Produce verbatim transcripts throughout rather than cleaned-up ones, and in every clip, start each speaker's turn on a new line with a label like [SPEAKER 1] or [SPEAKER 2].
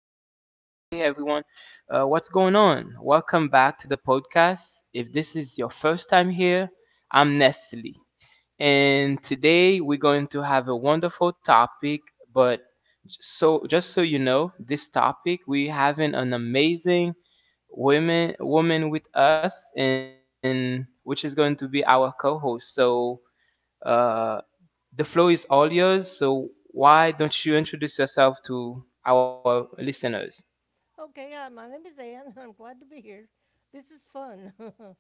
[SPEAKER 1] hey everyone. Uh, what's going on? Welcome back to the podcast. If this is your first time here, I'm Nestle. And today we're going to have a wonderful topic, but j- so just so you know, this topic we having an amazing women woman with us and which is going to be our co-host. So uh, the flow is all yours, so why don't you introduce yourself to our listeners?
[SPEAKER 2] Okay, uh, my name is Ann. I'm glad to be here. This is fun.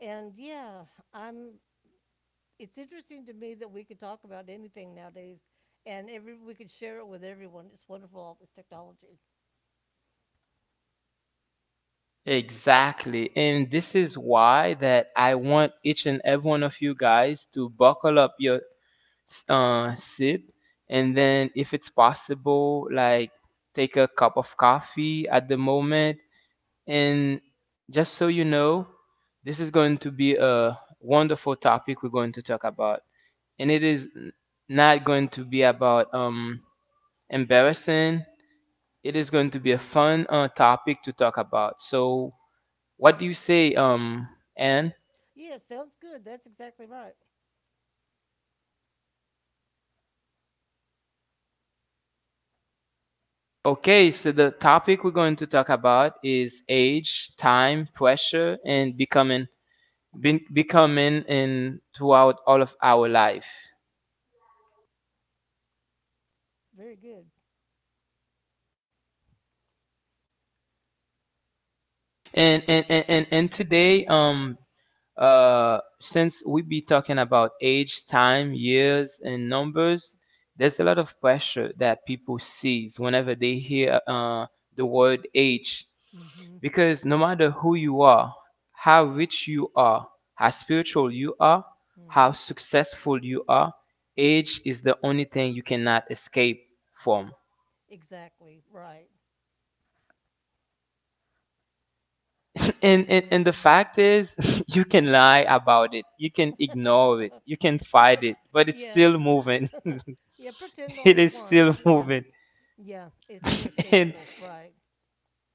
[SPEAKER 2] and yeah, I'm it's interesting to me that we could talk about anything nowadays and every we could share it with everyone. It's wonderful all this technology.
[SPEAKER 1] Exactly. And this is why that I want each and every one of you guys to buckle up your s- uh, sip and then if it's possible like take a cup of coffee at the moment. And just so you know, this is going to be a wonderful topic we're going to talk about. And it is n- not going to be about um, embarrassing, it is going to be a fun uh, topic to talk about. So, what do you say, um, Anne?
[SPEAKER 2] Yeah, sounds good. That's exactly right.
[SPEAKER 1] Okay, so the topic we're going to talk about is age, time, pressure, and becoming, be- becoming in throughout all of our life.
[SPEAKER 2] Very good.
[SPEAKER 1] And and and and, and today, um, uh, since we be talking about age, time, years, and numbers, there's a lot of pressure that people sees whenever they hear uh, the word age,
[SPEAKER 2] Mhm.
[SPEAKER 1] because no matter who you are, how rich you are, how spiritual you are, how
[SPEAKER 2] Mhm.
[SPEAKER 1] successful you are, age is the only thing you cannot escape from.
[SPEAKER 2] Exactly. Right.
[SPEAKER 1] and, and and the fact is you can lie about it, you can ignore it, you can fight it, but it's
[SPEAKER 2] Yeah.
[SPEAKER 1] still moving.
[SPEAKER 2] Yeah, pretend all
[SPEAKER 1] it
[SPEAKER 2] you
[SPEAKER 1] is
[SPEAKER 2] want.
[SPEAKER 1] still
[SPEAKER 2] Yeah.
[SPEAKER 1] moving.
[SPEAKER 2] Yeah, it's
[SPEAKER 1] and
[SPEAKER 2] inescapable. Right.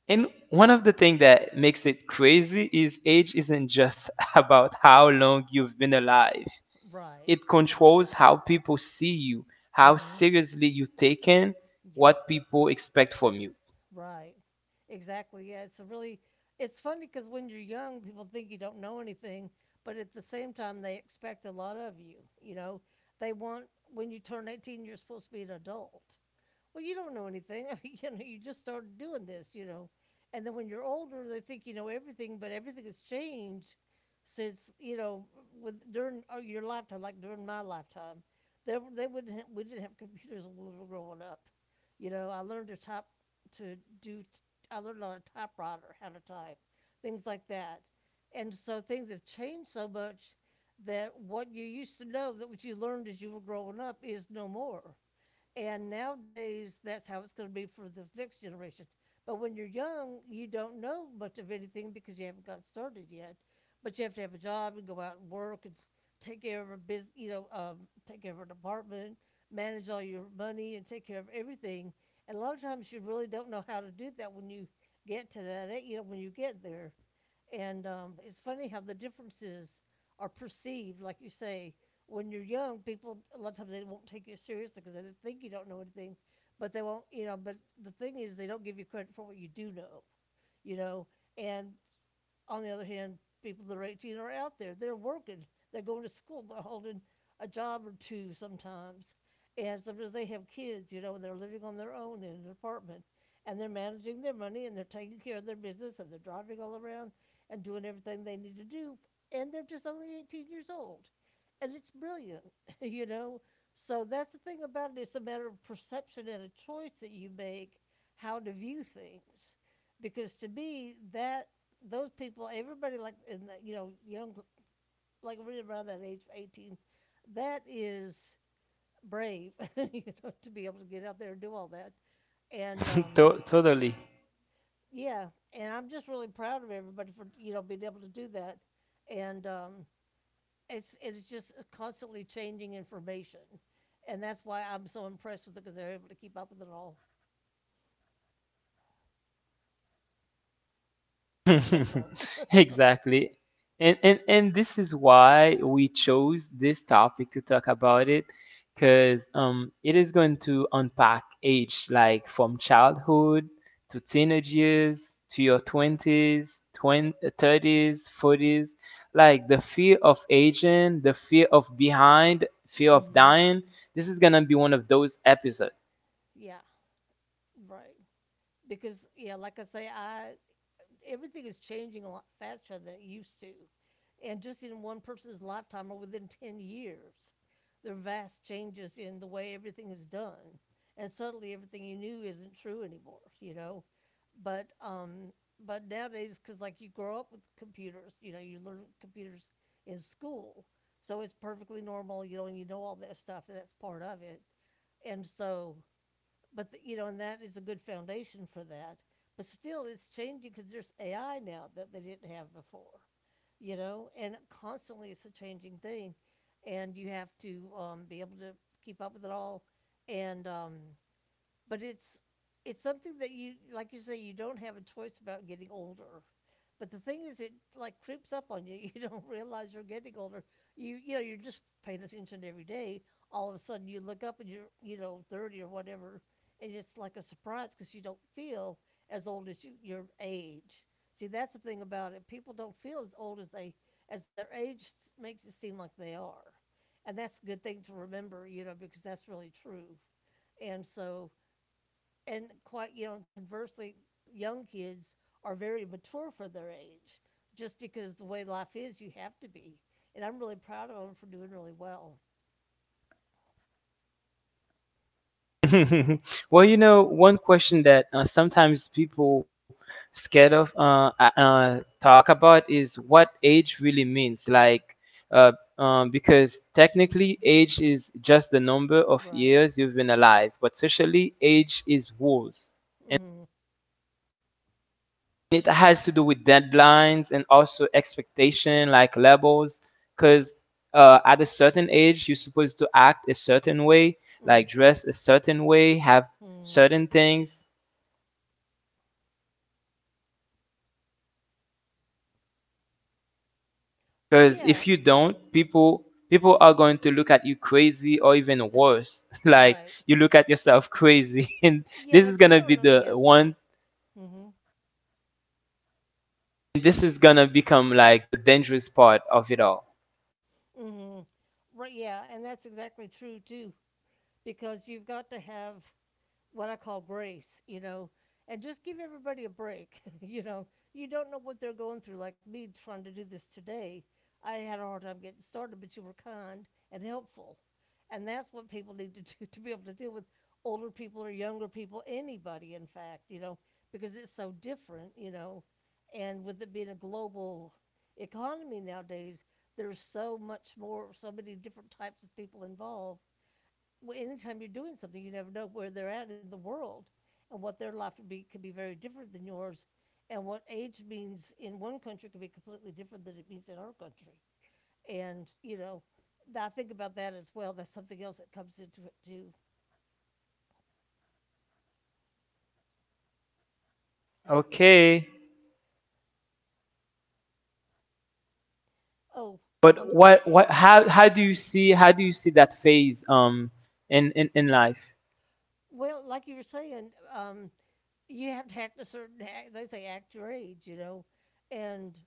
[SPEAKER 1] and one of the things that makes it crazy is age isn't just about how long you've been alive.
[SPEAKER 2] Right.
[SPEAKER 1] It controls how people see you, how
[SPEAKER 2] Mhm.
[SPEAKER 1] seriously you take in,
[SPEAKER 2] Yep.
[SPEAKER 1] what people expect from you.
[SPEAKER 2] Right. Exactly. Yeah, it's a really it's funny because when you're young, people think you don't know anything, but at the same time they expect a lot of you, you know. They want when you turn eighteen, you're supposed to be an adult well, you don't know anything. I mean, you know, you just started doing this, you know. And then when you're older, they think you know everything, but everything has changed since you know with during uh, your lifetime, like during my lifetime. They they wouldn't. Have, we didn't have computers when we were growing up. You know, I learned to type, to do. I learned on a typewriter how to type, things like that. And so things have changed so much that what you used to know, that what you learned as you were growing up, is no more. And nowadays, that's how it's going to be for this next generation. But when you're young, you don't know much of anything because you haven't got started yet. But you have to have a job and go out and work and take care of a business, you know, um, take care of an apartment, manage all your money, and take care of everything. And a lot of times, you really don't know how to do that when you get to that, you know, when you get there. And um, it's funny how the differences are perceived, like you say when you're young, people a lot of times they won't take you seriously because they think you don't know anything, but they won't, you know. But the thing is, they don't give you credit for what you do know, you know. And on the other hand, people that are eighteen are out there. They're working. They're going to school. They're holding a job or two sometimes. And sometimes they have kids, you know, and they're living on their own in an apartment. And they're managing their money and they're taking care of their business and they're driving all around and doing everything they need to do. And they're just only eighteen years old. And it's brilliant, you know. So that's the thing about it. It's a matter of perception and a choice that you make how to view things. Because to me, that those people, everybody like in the you know young, like really around that age, of eighteen, that is brave, you know, to be able to get out there and do all that. And um,
[SPEAKER 1] To- totally.
[SPEAKER 2] yeah, and I'm just really proud of everybody for you know being able to do that. And um, it's it's just constantly changing information, and that's why I'm so impressed with it because they're able to keep up with it all. That's all.
[SPEAKER 1] Exactly. And, and and this is why we chose this topic to talk about it because um, it is going to unpack age like from childhood to teenage years to your twenties, twenty, forties, like the fear of aging, the fear of behind, fear of
[SPEAKER 2] Hmm.
[SPEAKER 1] dying. This is going to be one of those episodes.
[SPEAKER 2] Yeah, right. Because yeah, like I say, I everything is changing a lot faster than it used to. And just in one person's lifetime or within ten years, there are vast changes in the way everything is done. And suddenly everything you knew isn't true anymore, you know? But, um, but nowadays, because like you grow up with computers, you know, you learn computers in school. So it's perfectly normal, you know, and you know all that stuff, and that's part of it. And so but the, you know, and that is a good foundation for that. But still, it's changing because there's A I now that they didn't have before. You know, and constantly it's a changing thing, and you have to um, be able to keep up with it all, and um, but it's it's something that you like you say you don't have a choice about getting older but the thing is it like creeps up on you you don't realize you're getting older you you know you're just paying attention every day all of a sudden you look up and you're you know thirty or whatever and it's like a surprise because you don't feel as old as you, your age see that's the thing about it people don't feel as old as they as their age s- makes it seem like they are and that's a good thing to remember you know because that's really true and so and quite you know, conversely, young kids are very mature for their age, just because the way life is, you have to be. And I'm really proud of them for doing really well.
[SPEAKER 1] well, you know, one question that uh, sometimes people scared of uh, uh, uh, talk about is what age really means. Like, uh, um, because technically, age is just the number of
[SPEAKER 2] Right.
[SPEAKER 1] years you've been alive, but socially, age is rules.
[SPEAKER 2] Mm.
[SPEAKER 1] It has to do with deadlines and also expectation, like labels, because uh, at a certain age, you're supposed to act a certain way,
[SPEAKER 2] Hmm.
[SPEAKER 1] like
[SPEAKER 2] Mm.
[SPEAKER 1] dress a certain way, have
[SPEAKER 2] Hmm.
[SPEAKER 1] certain things. Because
[SPEAKER 2] Yeah.
[SPEAKER 1] if you don't, people people are going to look at you crazy or even worse. like
[SPEAKER 2] Right.
[SPEAKER 1] you look at yourself crazy. and
[SPEAKER 2] Yeah.
[SPEAKER 1] this is
[SPEAKER 2] Like you
[SPEAKER 1] gonna be
[SPEAKER 2] don't know.
[SPEAKER 1] the
[SPEAKER 2] Yeah.
[SPEAKER 1] one
[SPEAKER 2] Mm-hmm.
[SPEAKER 1] this is gonna become like the dangerous part of it all.
[SPEAKER 2] Mm-hmm. Right. Yeah. And that's exactly true too, because you've got to have what I call grace, you know, and just give everybody a break. You know, you don't know what they're going through. Like me trying to do this today, I had a hard time getting started, but you were kind and helpful. And that's what people need to do to be able to deal with older people or younger people, anybody, in fact, you know, because it's so different, you know. And with it being a global economy nowadays, there's so much more, so many different types of people involved well, anytime you're doing something, you never know where they're at in the world and what their life would be could be very different than yours. And what age means in one country could be completely different than it means in our country. And, you know, I think about that as well. That's something else that comes into it too.
[SPEAKER 1] Okay.
[SPEAKER 2] Oh, I'm,
[SPEAKER 1] But what what how how do you see how do you see that phase um in in, in life?
[SPEAKER 2] well, like you were saying, um, you have to act a certain, act, they say act your age, you know. And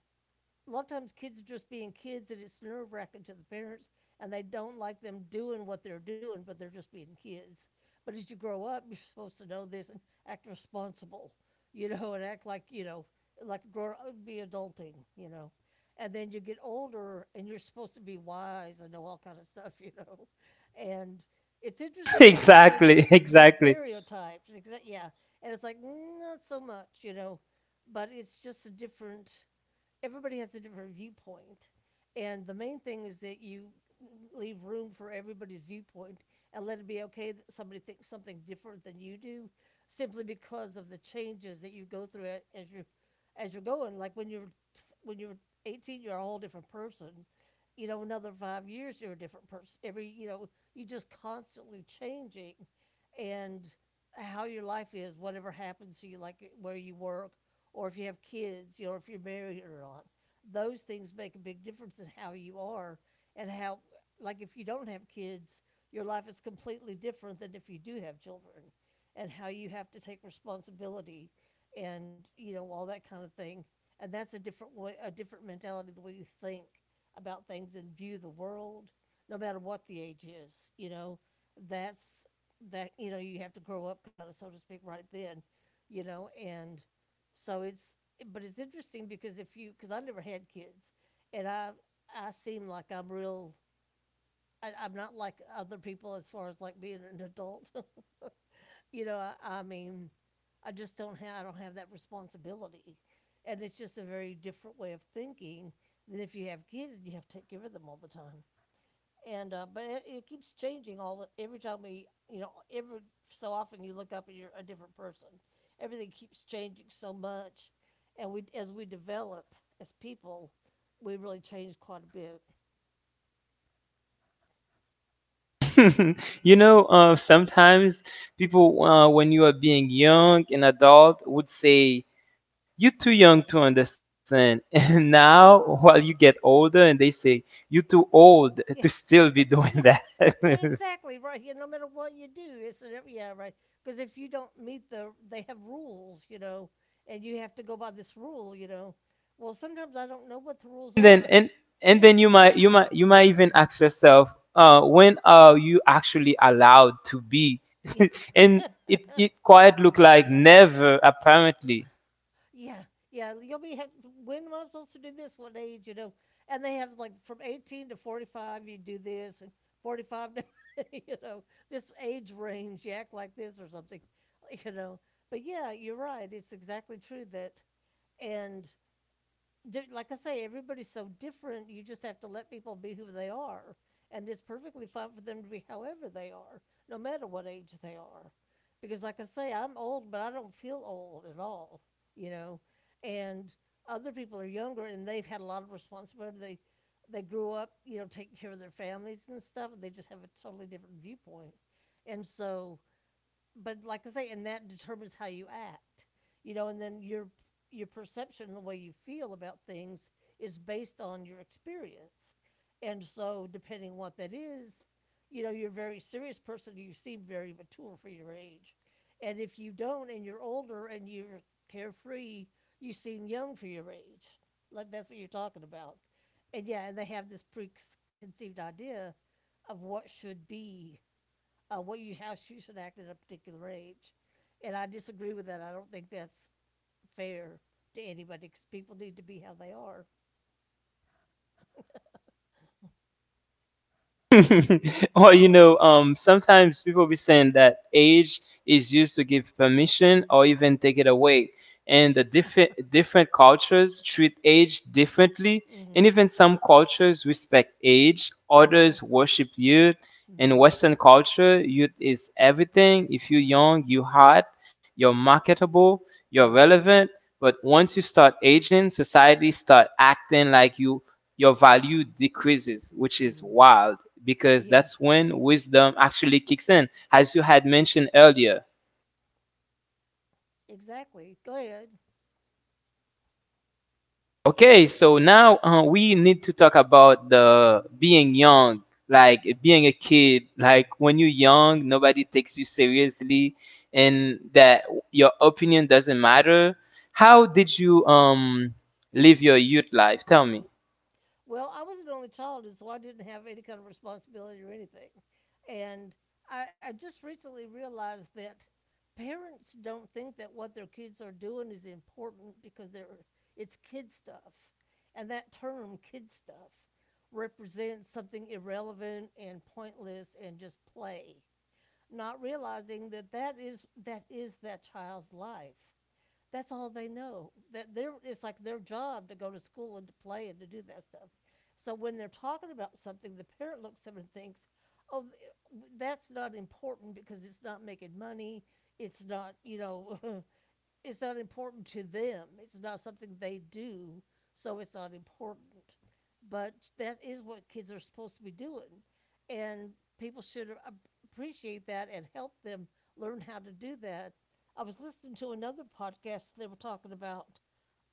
[SPEAKER 2] a lot of times kids are just being kids and it's nerve wracking to the parents and they don't like them doing what they're doing, but they're just being kids. But as you grow up, you're supposed to know this and act responsible, you know, and act like, you know, like grow uh, be adulting, you know. And then you get older and you're supposed to be wise and know all kind of stuff, you know. And it's interesting, like you say,
[SPEAKER 1] exactly,
[SPEAKER 2] those those
[SPEAKER 1] exactly.
[SPEAKER 2] stereotypes. Exa- yeah, and it's like mm, not so much, you know, but it's just a different everybody has a different viewpoint. And the main thing is that you leave room for everybody's viewpoint and let it be okay that somebody thinks something different than you do simply because of the changes that you go through as you as you're going like when you're when you're eighteen you're a whole different person you know, another five years you're a different person. Every you know, you just constantly changing, and how your life is, whatever happens to you, like where you work, or if you have kids, you know, if you're married or not. Those things make a big difference in how you are and how, like, if you don't have kids, your life is completely different than if you do have children, and how you have to take responsibility, and you know all that kind of thing. And that's a different way, a different mentality the way you think about things and view the world, no matter what the age is. You know, that's that. You know, you have to grow up, kind of so to speak, right then. You know, and so it's but it's interesting because if you because I never had kids, and I I seem like I'm real. I, I'm not like other people as far as like being an adult. You know, I, I mean, I just don't have I don't have that responsibility, and it's just a very different way of thinking than if you have kids and you have to take care of them all the time. And uh, but it, it keeps changing all the, every time we you know every so often you look up and you're a different person. Everything keeps changing so much, and we as we develop as people, we really change quite a bit.
[SPEAKER 1] you know, uh, sometimes people, uh, when you are being young, an adult would say, "You're too young to understand." And now, while you get older, and they say, "You're too old
[SPEAKER 2] Yes,
[SPEAKER 1] to still be
[SPEAKER 2] it's yeah.
[SPEAKER 1] doing that."
[SPEAKER 2] Yeah,
[SPEAKER 1] and
[SPEAKER 2] exactly right. Yeah, no matter what you do, it's an- yeah right. Because if you don't meet the, they have rules, you know, and you have to go by this rule, you know. Well, sometimes I don't know what the rules
[SPEAKER 1] then,
[SPEAKER 2] are.
[SPEAKER 1] and and then you might, you might, you might even ask yourself, uh, "When are you actually allowed to be?"
[SPEAKER 2] Yeah,
[SPEAKER 1] and it it quite look like never, apparently.
[SPEAKER 2] yeah, yeah. You'll be have, when am I supposed to do this? What age, you know? And they have like from eighteen to forty five, you do this, and forty five to, you know, this age range, you act like this or something, you know. But yeah, you're right. It's exactly true that and, like I say, everybody's so different. You just have to let people be who they are, and it's perfectly fine for them to be however they are, no matter what age they are. Because, like I say, I'm old, but I don't feel old at all, you know. And other people are younger, and they've had a lot of responsibility. They they grew up, you know, taking care of their families and stuff, and they just have a totally different viewpoint. And so, but like I say, and that determines how you act, you know, and then your your perception and the way you feel about things is based on your experience, and so depending on what that is, you know, you're a very serious person. You seem very mature for your age, and if you don't, and you're older and you're carefree, you seem young for your age. Like that's what you're talking about, and yeah, and they have this preconceived idea of what should be uh, what you how you should act at a particular age, and I disagree with that. I don't think that's fair to anybody because people need to be how they are.
[SPEAKER 1] Or you know, um, sometimes people be saying that age is used to give permission or even take it away. And the different different cultures treat age differently, and
[SPEAKER 2] Mm-hmm.
[SPEAKER 1] even some cultures respect age,
[SPEAKER 2] Mm-hmm.
[SPEAKER 1] others worship youth. In
[SPEAKER 2] Mm-hmm.
[SPEAKER 1] Western culture, youth is everything. If you're
[SPEAKER 2] Right.
[SPEAKER 1] young, you're hot, you're marketable, you're
[SPEAKER 2] Mm-hmm.
[SPEAKER 1] relevant. But once you start aging, society start acting like you your value decreases, which is
[SPEAKER 2] Mm-hmm.
[SPEAKER 1] wild because
[SPEAKER 2] Yeah.
[SPEAKER 1] that's when wisdom actually kicks in, as you
[SPEAKER 2] Yeah.
[SPEAKER 1] had mentioned earlier.
[SPEAKER 2] Exactly. Go ahead.
[SPEAKER 1] Okay, so now uh, we need to talk about the being young, like being a kid. Like when you're young, nobody takes you seriously, and that your opinion doesn't matter. How did you um live your youth life? Tell me.
[SPEAKER 2] Well, I was an only child, and so I didn't have any kind of responsibility or anything, and I, I just recently realized that parents don't think that what their kids are doing is important because they're it's kid stuff, and that term "kid stuff" represents something irrelevant and pointless and just play, not realizing that that is that is that child's life. That's all they know. That their it's like their job to go to school and to play and to do that stuff. So when they're talking about something, the parent looks at and thinks, "Oh, that's not important because it's not making money. It's not, you know, it's not important to them. It's not something they do, so it's not important." But that is what kids are supposed to be doing, and people should appreciate that and help them learn how to do that. I was listening to another podcast. They were talking about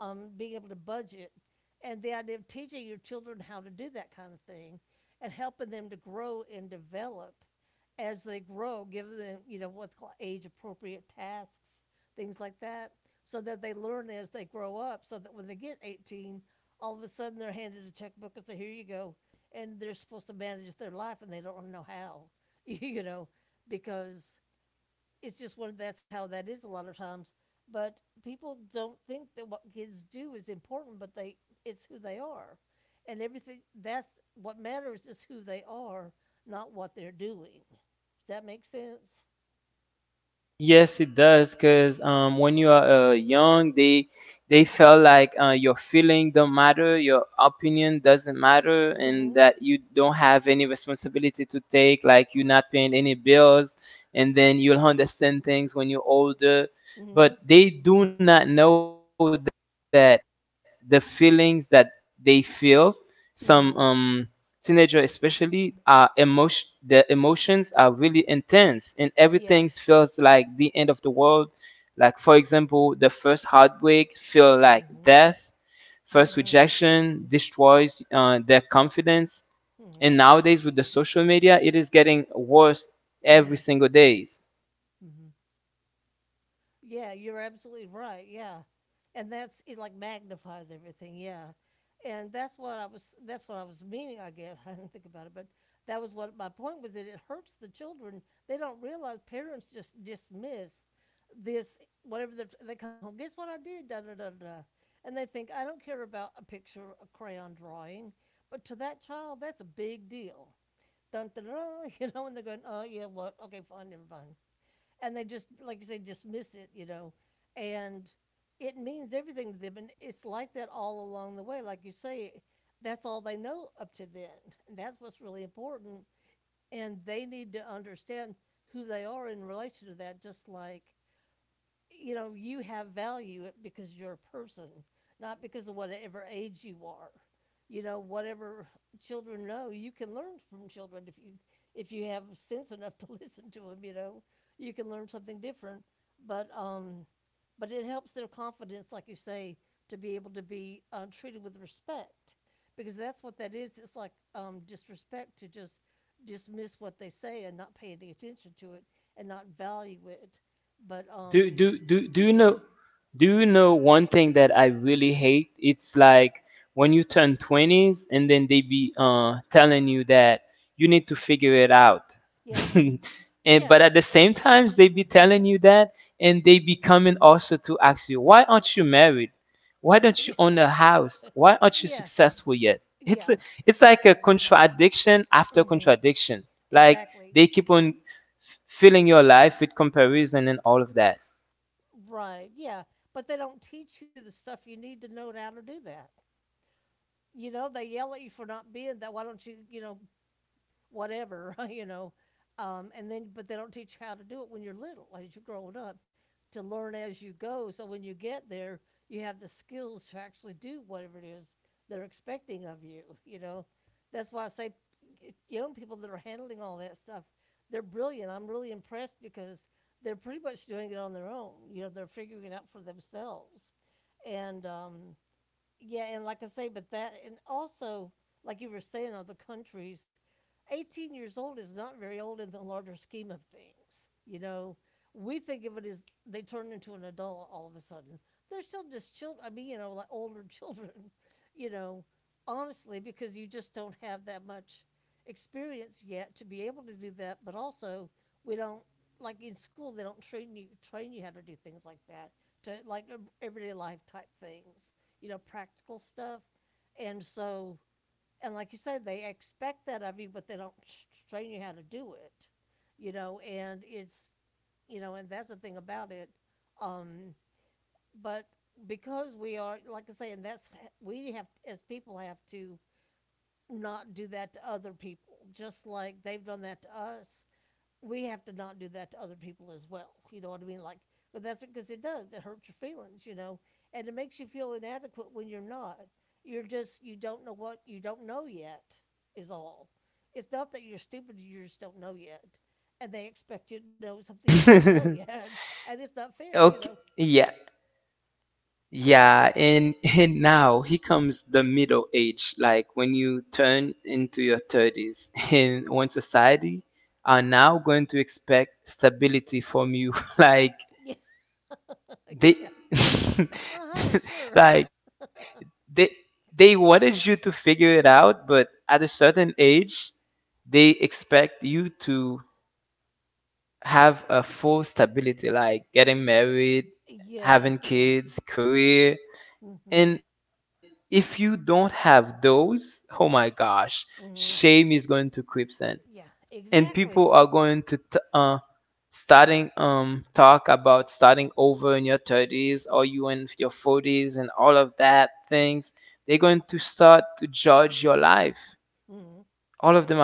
[SPEAKER 2] um, being able to budget, and the idea of teaching your children how to do that kind of thing, and helping them to grow and develop as they grow, give them you know what's called age appropriate tasks, things like that, so that they learn as they grow up, so that when they get eighteen, all of a sudden they're handed a checkbook and say, "Here you go," and they're supposed to manage their life and they don't know how, you know, because it's just one that's how that is a lot of times. But people don't think that what kids do is important, but they it's who they are, and everything, that's what matters, is who they are, not what they're doing. Does that make sense?
[SPEAKER 1] Yes, it does. Cause um, when you are uh, young, they they felt like uh, your feeling don't matter, your opinion doesn't matter, and
[SPEAKER 2] Mm-hmm.
[SPEAKER 1] that you don't have any responsibility to take. Like you're not paying any bills, and then you'll understand things when you're older.
[SPEAKER 2] Mm-hmm.
[SPEAKER 1] But they do not know that the feelings that they feel,
[SPEAKER 2] Mm-hmm.
[SPEAKER 1] some um teenager especially, are emotion. The emotions are really intense, and
[SPEAKER 2] Yeah.
[SPEAKER 1] everything feels like the end of the world, like for example, the first heartbreak feel like
[SPEAKER 2] Mm-hmm.
[SPEAKER 1] death, first
[SPEAKER 2] Mm-hmm.
[SPEAKER 1] rejection destroys uh, their confidence,
[SPEAKER 2] Mm-hmm.
[SPEAKER 1] and nowadays with the social media, it is getting worse every
[SPEAKER 2] Mm-hmm.
[SPEAKER 1] single day.
[SPEAKER 2] Mm-hmm. Yeah, you're absolutely right. Yeah. And that's it, like, magnifies everything. Yeah. And that's what I was that's what I was meaning, I guess. I didn't think about it, but that was what my point was, that it hurts the children. They don't realize parents just dismiss this whatever they're- they come home. "Guess what I did? Da da da da. Da." And they think, "I don't care about a picture, a crayon drawing," but to that child, that's a big deal. Dun da da. You know, and they're going, "Oh, yeah, what? Okay, fine, never mind," and they just, like you say, dismiss it, you know, and it means everything to them, and it's like that all along the way. Like you say, that's all they know up to then, and that's what's really important, and they need to understand who they are in relation to that. Just like, you know, you have value because you're a person, not because of whatever age you are. You know, whatever children know, you can learn from children if you if you have sense enough to listen to them. You know, you can learn something different, but um, but it helps their confidence, like you say, to be able to be um, treated with respect, because that's what that is. It's like um, disrespect to just dismiss what they say and not pay any attention to it and not value it. But
[SPEAKER 1] Do do
[SPEAKER 2] um,
[SPEAKER 1] do do you
[SPEAKER 2] yeah.
[SPEAKER 1] know do you know one thing that I really hate? It's like when you turn twenties and then they be uh telling you that you need to figure it out.
[SPEAKER 2] Yeah.
[SPEAKER 1] and but
[SPEAKER 2] Yeah.
[SPEAKER 1] at the same times they be
[SPEAKER 2] Mm-hmm.
[SPEAKER 1] telling you that, and they be coming also to ask you, "Why aren't you married? Why don't you
[SPEAKER 2] Yeah.
[SPEAKER 1] own a house? Why aren't you
[SPEAKER 2] Yeah.
[SPEAKER 1] successful yet?" It's a,
[SPEAKER 2] Yeah.
[SPEAKER 1] it's like a contradiction after
[SPEAKER 2] Mm-hmm.
[SPEAKER 1] contradiction. Like
[SPEAKER 2] Exactly.
[SPEAKER 1] they keep on f- filling your life with comparison and all of that.
[SPEAKER 2] Right. Yeah. But they don't teach you the stuff you need to know, to how to do that. You know, they yell at you for not being that. "Why don't you," you know, whatever, you know. Um, and then, but they don't teach how to do it when you're little, as you're growing up, to learn as you go. So when you get there, you have the skills to actually do whatever it is they're expecting of you, you know. That's why I say y- young people that are handling all that stuff, they're brilliant. I'm really impressed because they're pretty much doing it on their own. You know, they're figuring it out for themselves. And um, yeah, and like I say, but that, and also, like you were saying, other countries, eighteen years old is not very old in the larger scheme of things. You know, we think of it as they turn into an adult all of a sudden. They're still just children. I mean, you know, like older children, you know, honestly, because you just don't have that much experience yet to be able to do that. But also, we don't like in school they don't train you train you how to do things like that, to like ev- everyday life type things, you know, practical stuff. And so, and like you said, they expect that of you, but they don't train you how to do it, you know, and it's, you know, and that's the thing about it. Um, but because we are, like I say, and that's, we have, as people, have to not do that to other people. Just like they've done that to us, we have to not do that to other people as well. You know what I mean? Like, but that's because it does. It hurts your feelings, you know, and it makes you feel inadequate when you're not. You're just you don't know what you don't know yet is all. It's not that you're stupid; you just don't know yet, and they expect you to know something you don't know yet, and it's not fair, you
[SPEAKER 1] okay,
[SPEAKER 2] know.
[SPEAKER 1] yeah, yeah. and and now here comes the middle age, like when you turn into your thirties and when society are now going to expect stability from you, like
[SPEAKER 2] Yeah, yeah.
[SPEAKER 1] they
[SPEAKER 2] Uh huh. Sure.
[SPEAKER 1] like they they wanted you to figure it out, but at a certain age they expect you to have a full stability like getting married,
[SPEAKER 2] Yeah.
[SPEAKER 1] having
[SPEAKER 2] Yeah.
[SPEAKER 1] kids, career.
[SPEAKER 2] Mm Mhm.
[SPEAKER 1] And if you don't have those, oh my gosh,
[SPEAKER 2] Mm Mhm.
[SPEAKER 1] shame is going to creep in.
[SPEAKER 2] Yeah.
[SPEAKER 1] And
[SPEAKER 2] Exactly. Yeah.
[SPEAKER 1] people are going to t- uh, starting um talk about starting over in your thirties or you in your forties and all of that things. They're going to start to judge your life.
[SPEAKER 2] Mm Mhm.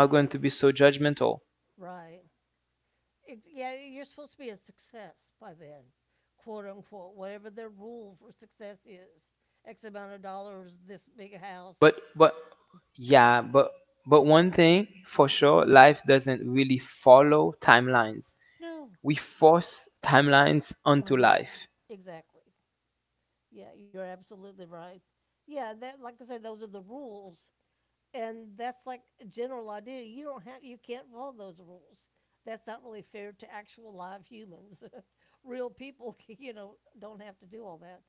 [SPEAKER 1] All of them are going to be so judgmental.
[SPEAKER 2] Right. Ex- yeah, you're supposed to be a success by then, quote unquote, whatever their rule for success is. X amount of dollars, this big
[SPEAKER 1] But
[SPEAKER 2] house.
[SPEAKER 1] but yeah, but but one thing for sure, life doesn't really follow timelines.
[SPEAKER 2] No.
[SPEAKER 1] We force timelines onto
[SPEAKER 2] Mm-hmm.
[SPEAKER 1] life.
[SPEAKER 2] Exactly. Yeah, you're absolutely right. Yeah, that, like I said, those are the rules, and that's like a general idea. You don't have, you can't follow those rules. That's not really fair to actual live humans. Real people, you know, don't have to do all that,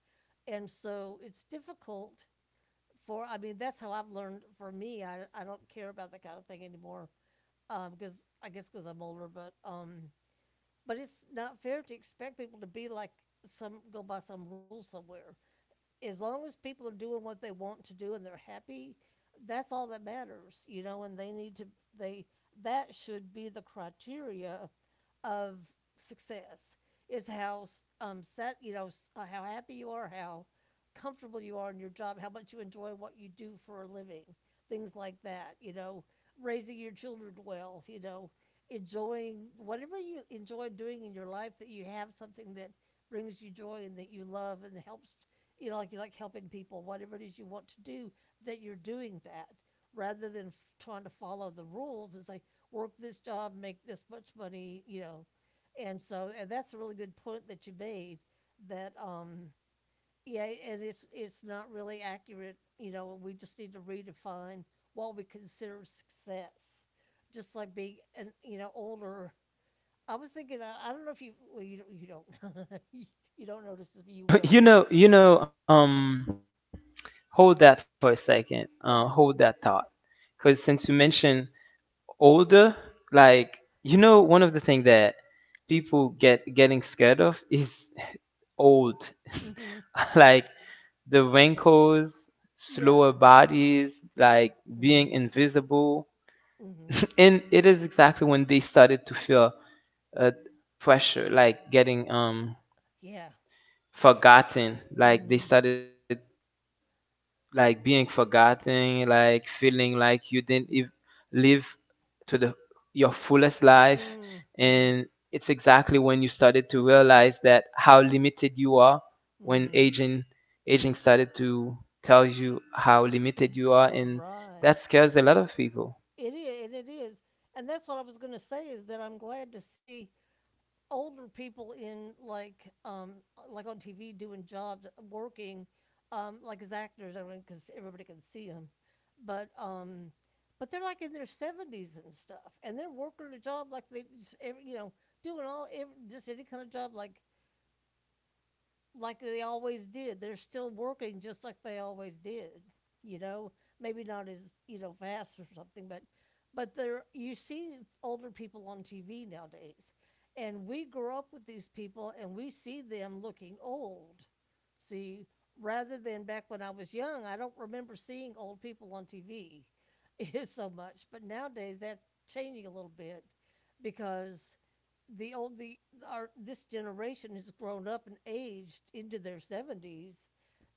[SPEAKER 2] and so it's difficult. For, I mean, that's how I've learned, for me, i, I don't care about that kind of thing anymore, um because I guess because I'm older, but um but it's not fair to expect people to be like, some go by some rule somewhere. As long as people are doing what they want to do and they're happy, that's all that matters, you know, and they need to they that should be the criteria of success, is how um, set you know uh, how happy you are, how comfortable you are in your job, how much you enjoy what you do for a living, things like that. You know, raising your children well. You know, enjoying whatever you enjoy doing in your life, that you have something that brings you joy and that you love and helps. You know, like, you like helping people, whatever it is you want to do, that you're doing that, rather than f- trying to follow the rules. It's like, work this job, make this much money, you know. And so and that's a really good point that you made that um yeah, and it's it's not really accurate, you know, and we just need to redefine what we consider success. Just like being an you know, older, I was thinking, I I don't know if you well, you you don't you don't notice this, but you
[SPEAKER 1] you
[SPEAKER 2] will.
[SPEAKER 1] know, you know, um hold that for a second. Uh hold that
[SPEAKER 2] Yeah.
[SPEAKER 1] thought. Cuz since you mentioned older, like you know, one of the thing that people get getting scared of is old,
[SPEAKER 2] Mhm.
[SPEAKER 1] like the wrinkles,
[SPEAKER 2] Yeah.
[SPEAKER 1] slower bodies, like being
[SPEAKER 2] Mhm.
[SPEAKER 1] invisible,
[SPEAKER 2] Mhm.
[SPEAKER 1] and it is exactly when they started to feel uh, pressure, like getting um
[SPEAKER 2] Yeah.
[SPEAKER 1] forgotten, like they
[SPEAKER 2] Mhm.
[SPEAKER 1] started like being forgotten, like feeling like you didn't ev- live to the your fullest life, and it's
[SPEAKER 2] Mhm.
[SPEAKER 1] exactly when you started to realize that how limited you are when
[SPEAKER 2] Mhm.
[SPEAKER 1] aging aging started to tell you how limited you are, and
[SPEAKER 2] Right.
[SPEAKER 1] that scares a lot of people.
[SPEAKER 2] It is, and it is, and that's what I was going to say is that I'm glad to see older people in like um like on T V doing jobs, working, um like as actors, I mean, because everybody can see them, but um. But they're like in their seventies and stuff, and they're working a job like they just, every, you know, doing all every, just any kind of job like like they always did. They're still working just like they always did. You know, maybe not as you know fast or something, but but there you see older people on T V nowadays, and we grow up with these people and we see them looking old. See, rather than back when I was young, I don't remember seeing old people on T V so much. But nowadays that's changing a little bit because the old the our this generation has grown up and aged into their seventies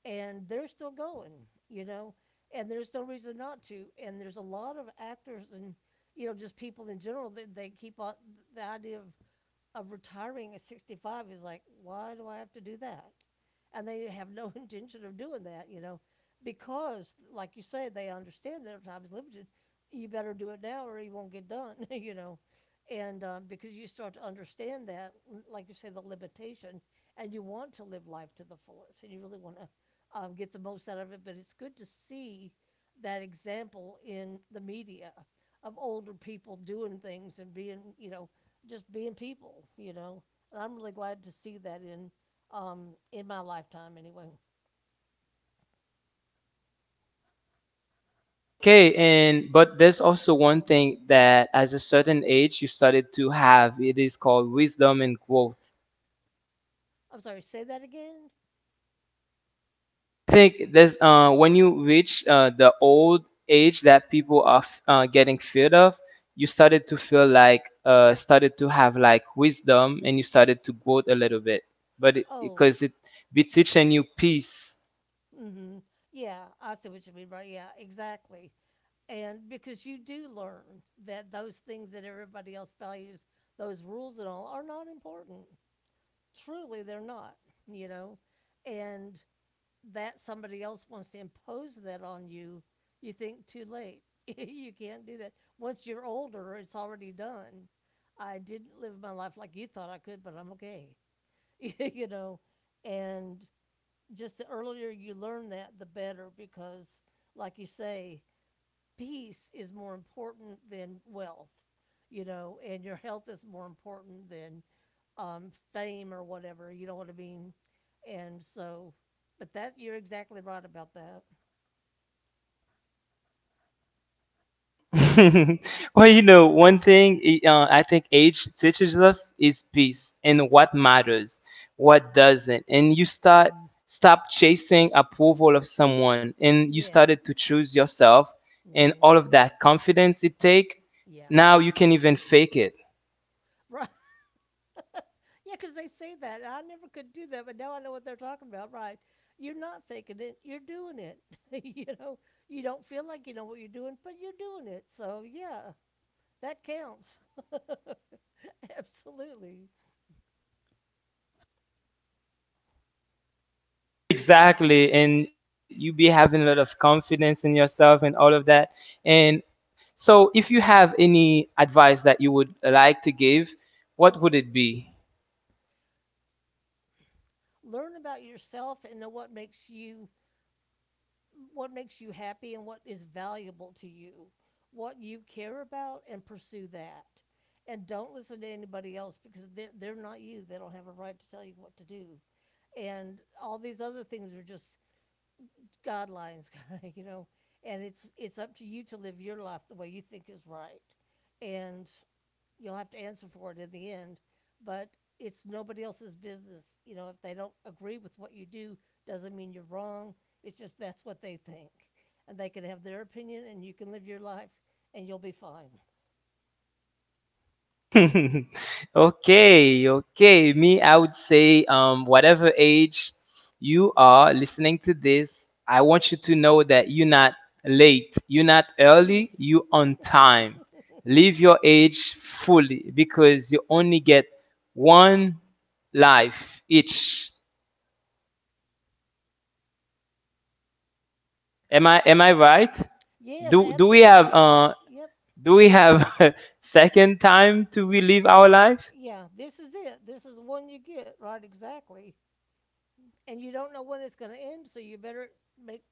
[SPEAKER 2] and they're still going, you know. And there's no reason not to, and there's a lot of actors and, you know, just people in general that they keep on the idea of of retiring at sixty-five is like, why do I have to do that? And they have no intention of doing that, you know, because, like you say, they understand that their time is limited. You better do it now or you won't get done, you know. And um, Because you start to understand that, like you say, the limitation, and you want to live life to the fullest and you really want to um, get the most out of it. But it's good to see that example in the media of older people doing things and being, you know, just being people, you know. And I'm really glad to see that in, um, in my lifetime anyway.
[SPEAKER 1] Okay, and but there's also one thing that as a certain age you started to have, it is called wisdom and growth.
[SPEAKER 2] I'm sorry, say that again?
[SPEAKER 1] Think there's uh, when you reach uh, the old age that people are f- uh, getting feared of, you started to feel like uh, started to have like wisdom and you started to grow a little bit, but
[SPEAKER 2] Oh,
[SPEAKER 1] because it, 'cause it be teaching you peace.
[SPEAKER 2] mm-hmm. Yeah, I see what you mean by, yeah, exactly. And because you do learn that those things that everybody else values, those rules and all, are not important. Truly, they're not, you know. And that somebody else wants to impose that on you, you think too late. You can't do that. Once you're older, it's already done. I didn't live my life like you thought I could, but I'm okay. you know, and just the earlier you learn that, the better because, like you say, peace is more important than wealth, you know, and your health is more important than, um, fame or whatever. You know what I mean? And so, but that you're exactly right about that.
[SPEAKER 1] well, you know, one thing i- uh, I think age teaches us is peace and what matters, what doesn't. And you start
[SPEAKER 2] Mm-hmm.
[SPEAKER 1] stop chasing approval of someone, and you
[SPEAKER 2] Yeah.
[SPEAKER 1] started to choose yourself, and
[SPEAKER 2] Hmm.
[SPEAKER 1] all of that confidence it take.
[SPEAKER 2] Yeah.
[SPEAKER 1] Now you can even fake it.
[SPEAKER 2] Right. Yeah, because they say that. And I never could do that, but now I know what they're talking about. Right. You're not faking it. You're doing it. you know, you don't feel like you know what you're doing, but you're doing it. So, yeah, that counts. Absolutely.
[SPEAKER 1] Exactly, and you be having a lot of confidence in yourself and all of that. And so, if you have any advice that you would like to give, what would it be?
[SPEAKER 2] Learn about yourself and know what makes you, what makes you happy and what is valuable to you, what you care about, and pursue that. And don't listen to anybody else because they're, they're not you. They don't have a right to tell you what to do. And all these other things are just guidelines, you know. And it's it's up to you to live your life the way you think is right. And you'll have to answer for it in the end. But it's nobody else's business. You know, if they don't agree with what you do, doesn't mean you're wrong. It's just that's what they think. And they can have their opinion, and you can live your life, and you'll be fine.
[SPEAKER 1] okay, okay. Me, I would say, um, whatever age you are listening to this, I want you to know that you're not late, you're not early,
[SPEAKER 2] Yes.
[SPEAKER 1] you're on time. Live your age fully because you only get one life each. Am I am I right?
[SPEAKER 2] Yes,
[SPEAKER 1] Do do we have
[SPEAKER 2] absolutely.
[SPEAKER 1] uh
[SPEAKER 2] Yep.
[SPEAKER 1] Do we have a second time to relive our lives?
[SPEAKER 2] Yeah, this is it. This is the one you get, right? Exactly. And you don't know when it's going to end, so you better make,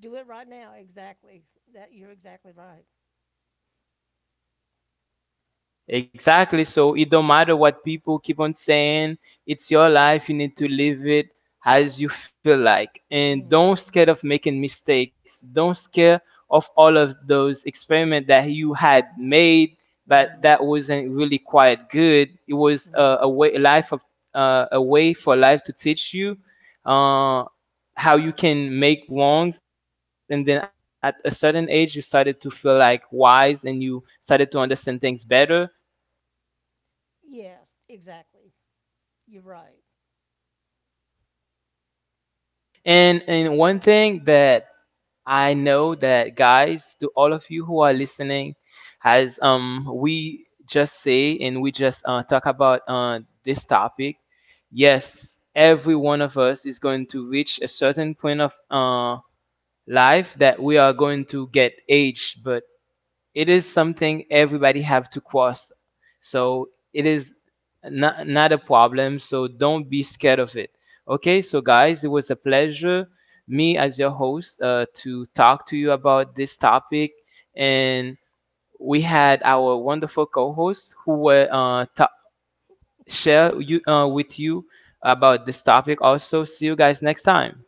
[SPEAKER 2] do it right now. Exactly. That you're exactly right.
[SPEAKER 1] Exactly. So it don't matter what people keep on saying. It's your life. You need to live it as you feel like. And
[SPEAKER 2] Mm-hmm.
[SPEAKER 1] don't scared of making mistakes. Don't scare of all of those experiment that you had made, but
[SPEAKER 2] Mm-hmm.
[SPEAKER 1] that wasn't really quite good. It was uh, a way, a life of uh, a way for life to teach you uh, how you can make wrongs. And then at a certain age, you started to feel like wise, and you started to understand things better.
[SPEAKER 2] Yes, exactly. You're right.
[SPEAKER 1] And and one thing that I know that guys, to all of you who are listening, as um we just say and we just uh, talk about uh, this topic, yes, every one of us is going to reach a certain point of uh, life that we are going to get aged. But it is something everybody have to cross, so it is not, not a problem, so don't be scared of it. Okay, so guys, it was a pleasure, me as your host, uh, to talk to you about this topic, and we had our wonderful co-hosts who were uh, ta- share you uh, with you about this topic. Also see you guys next time.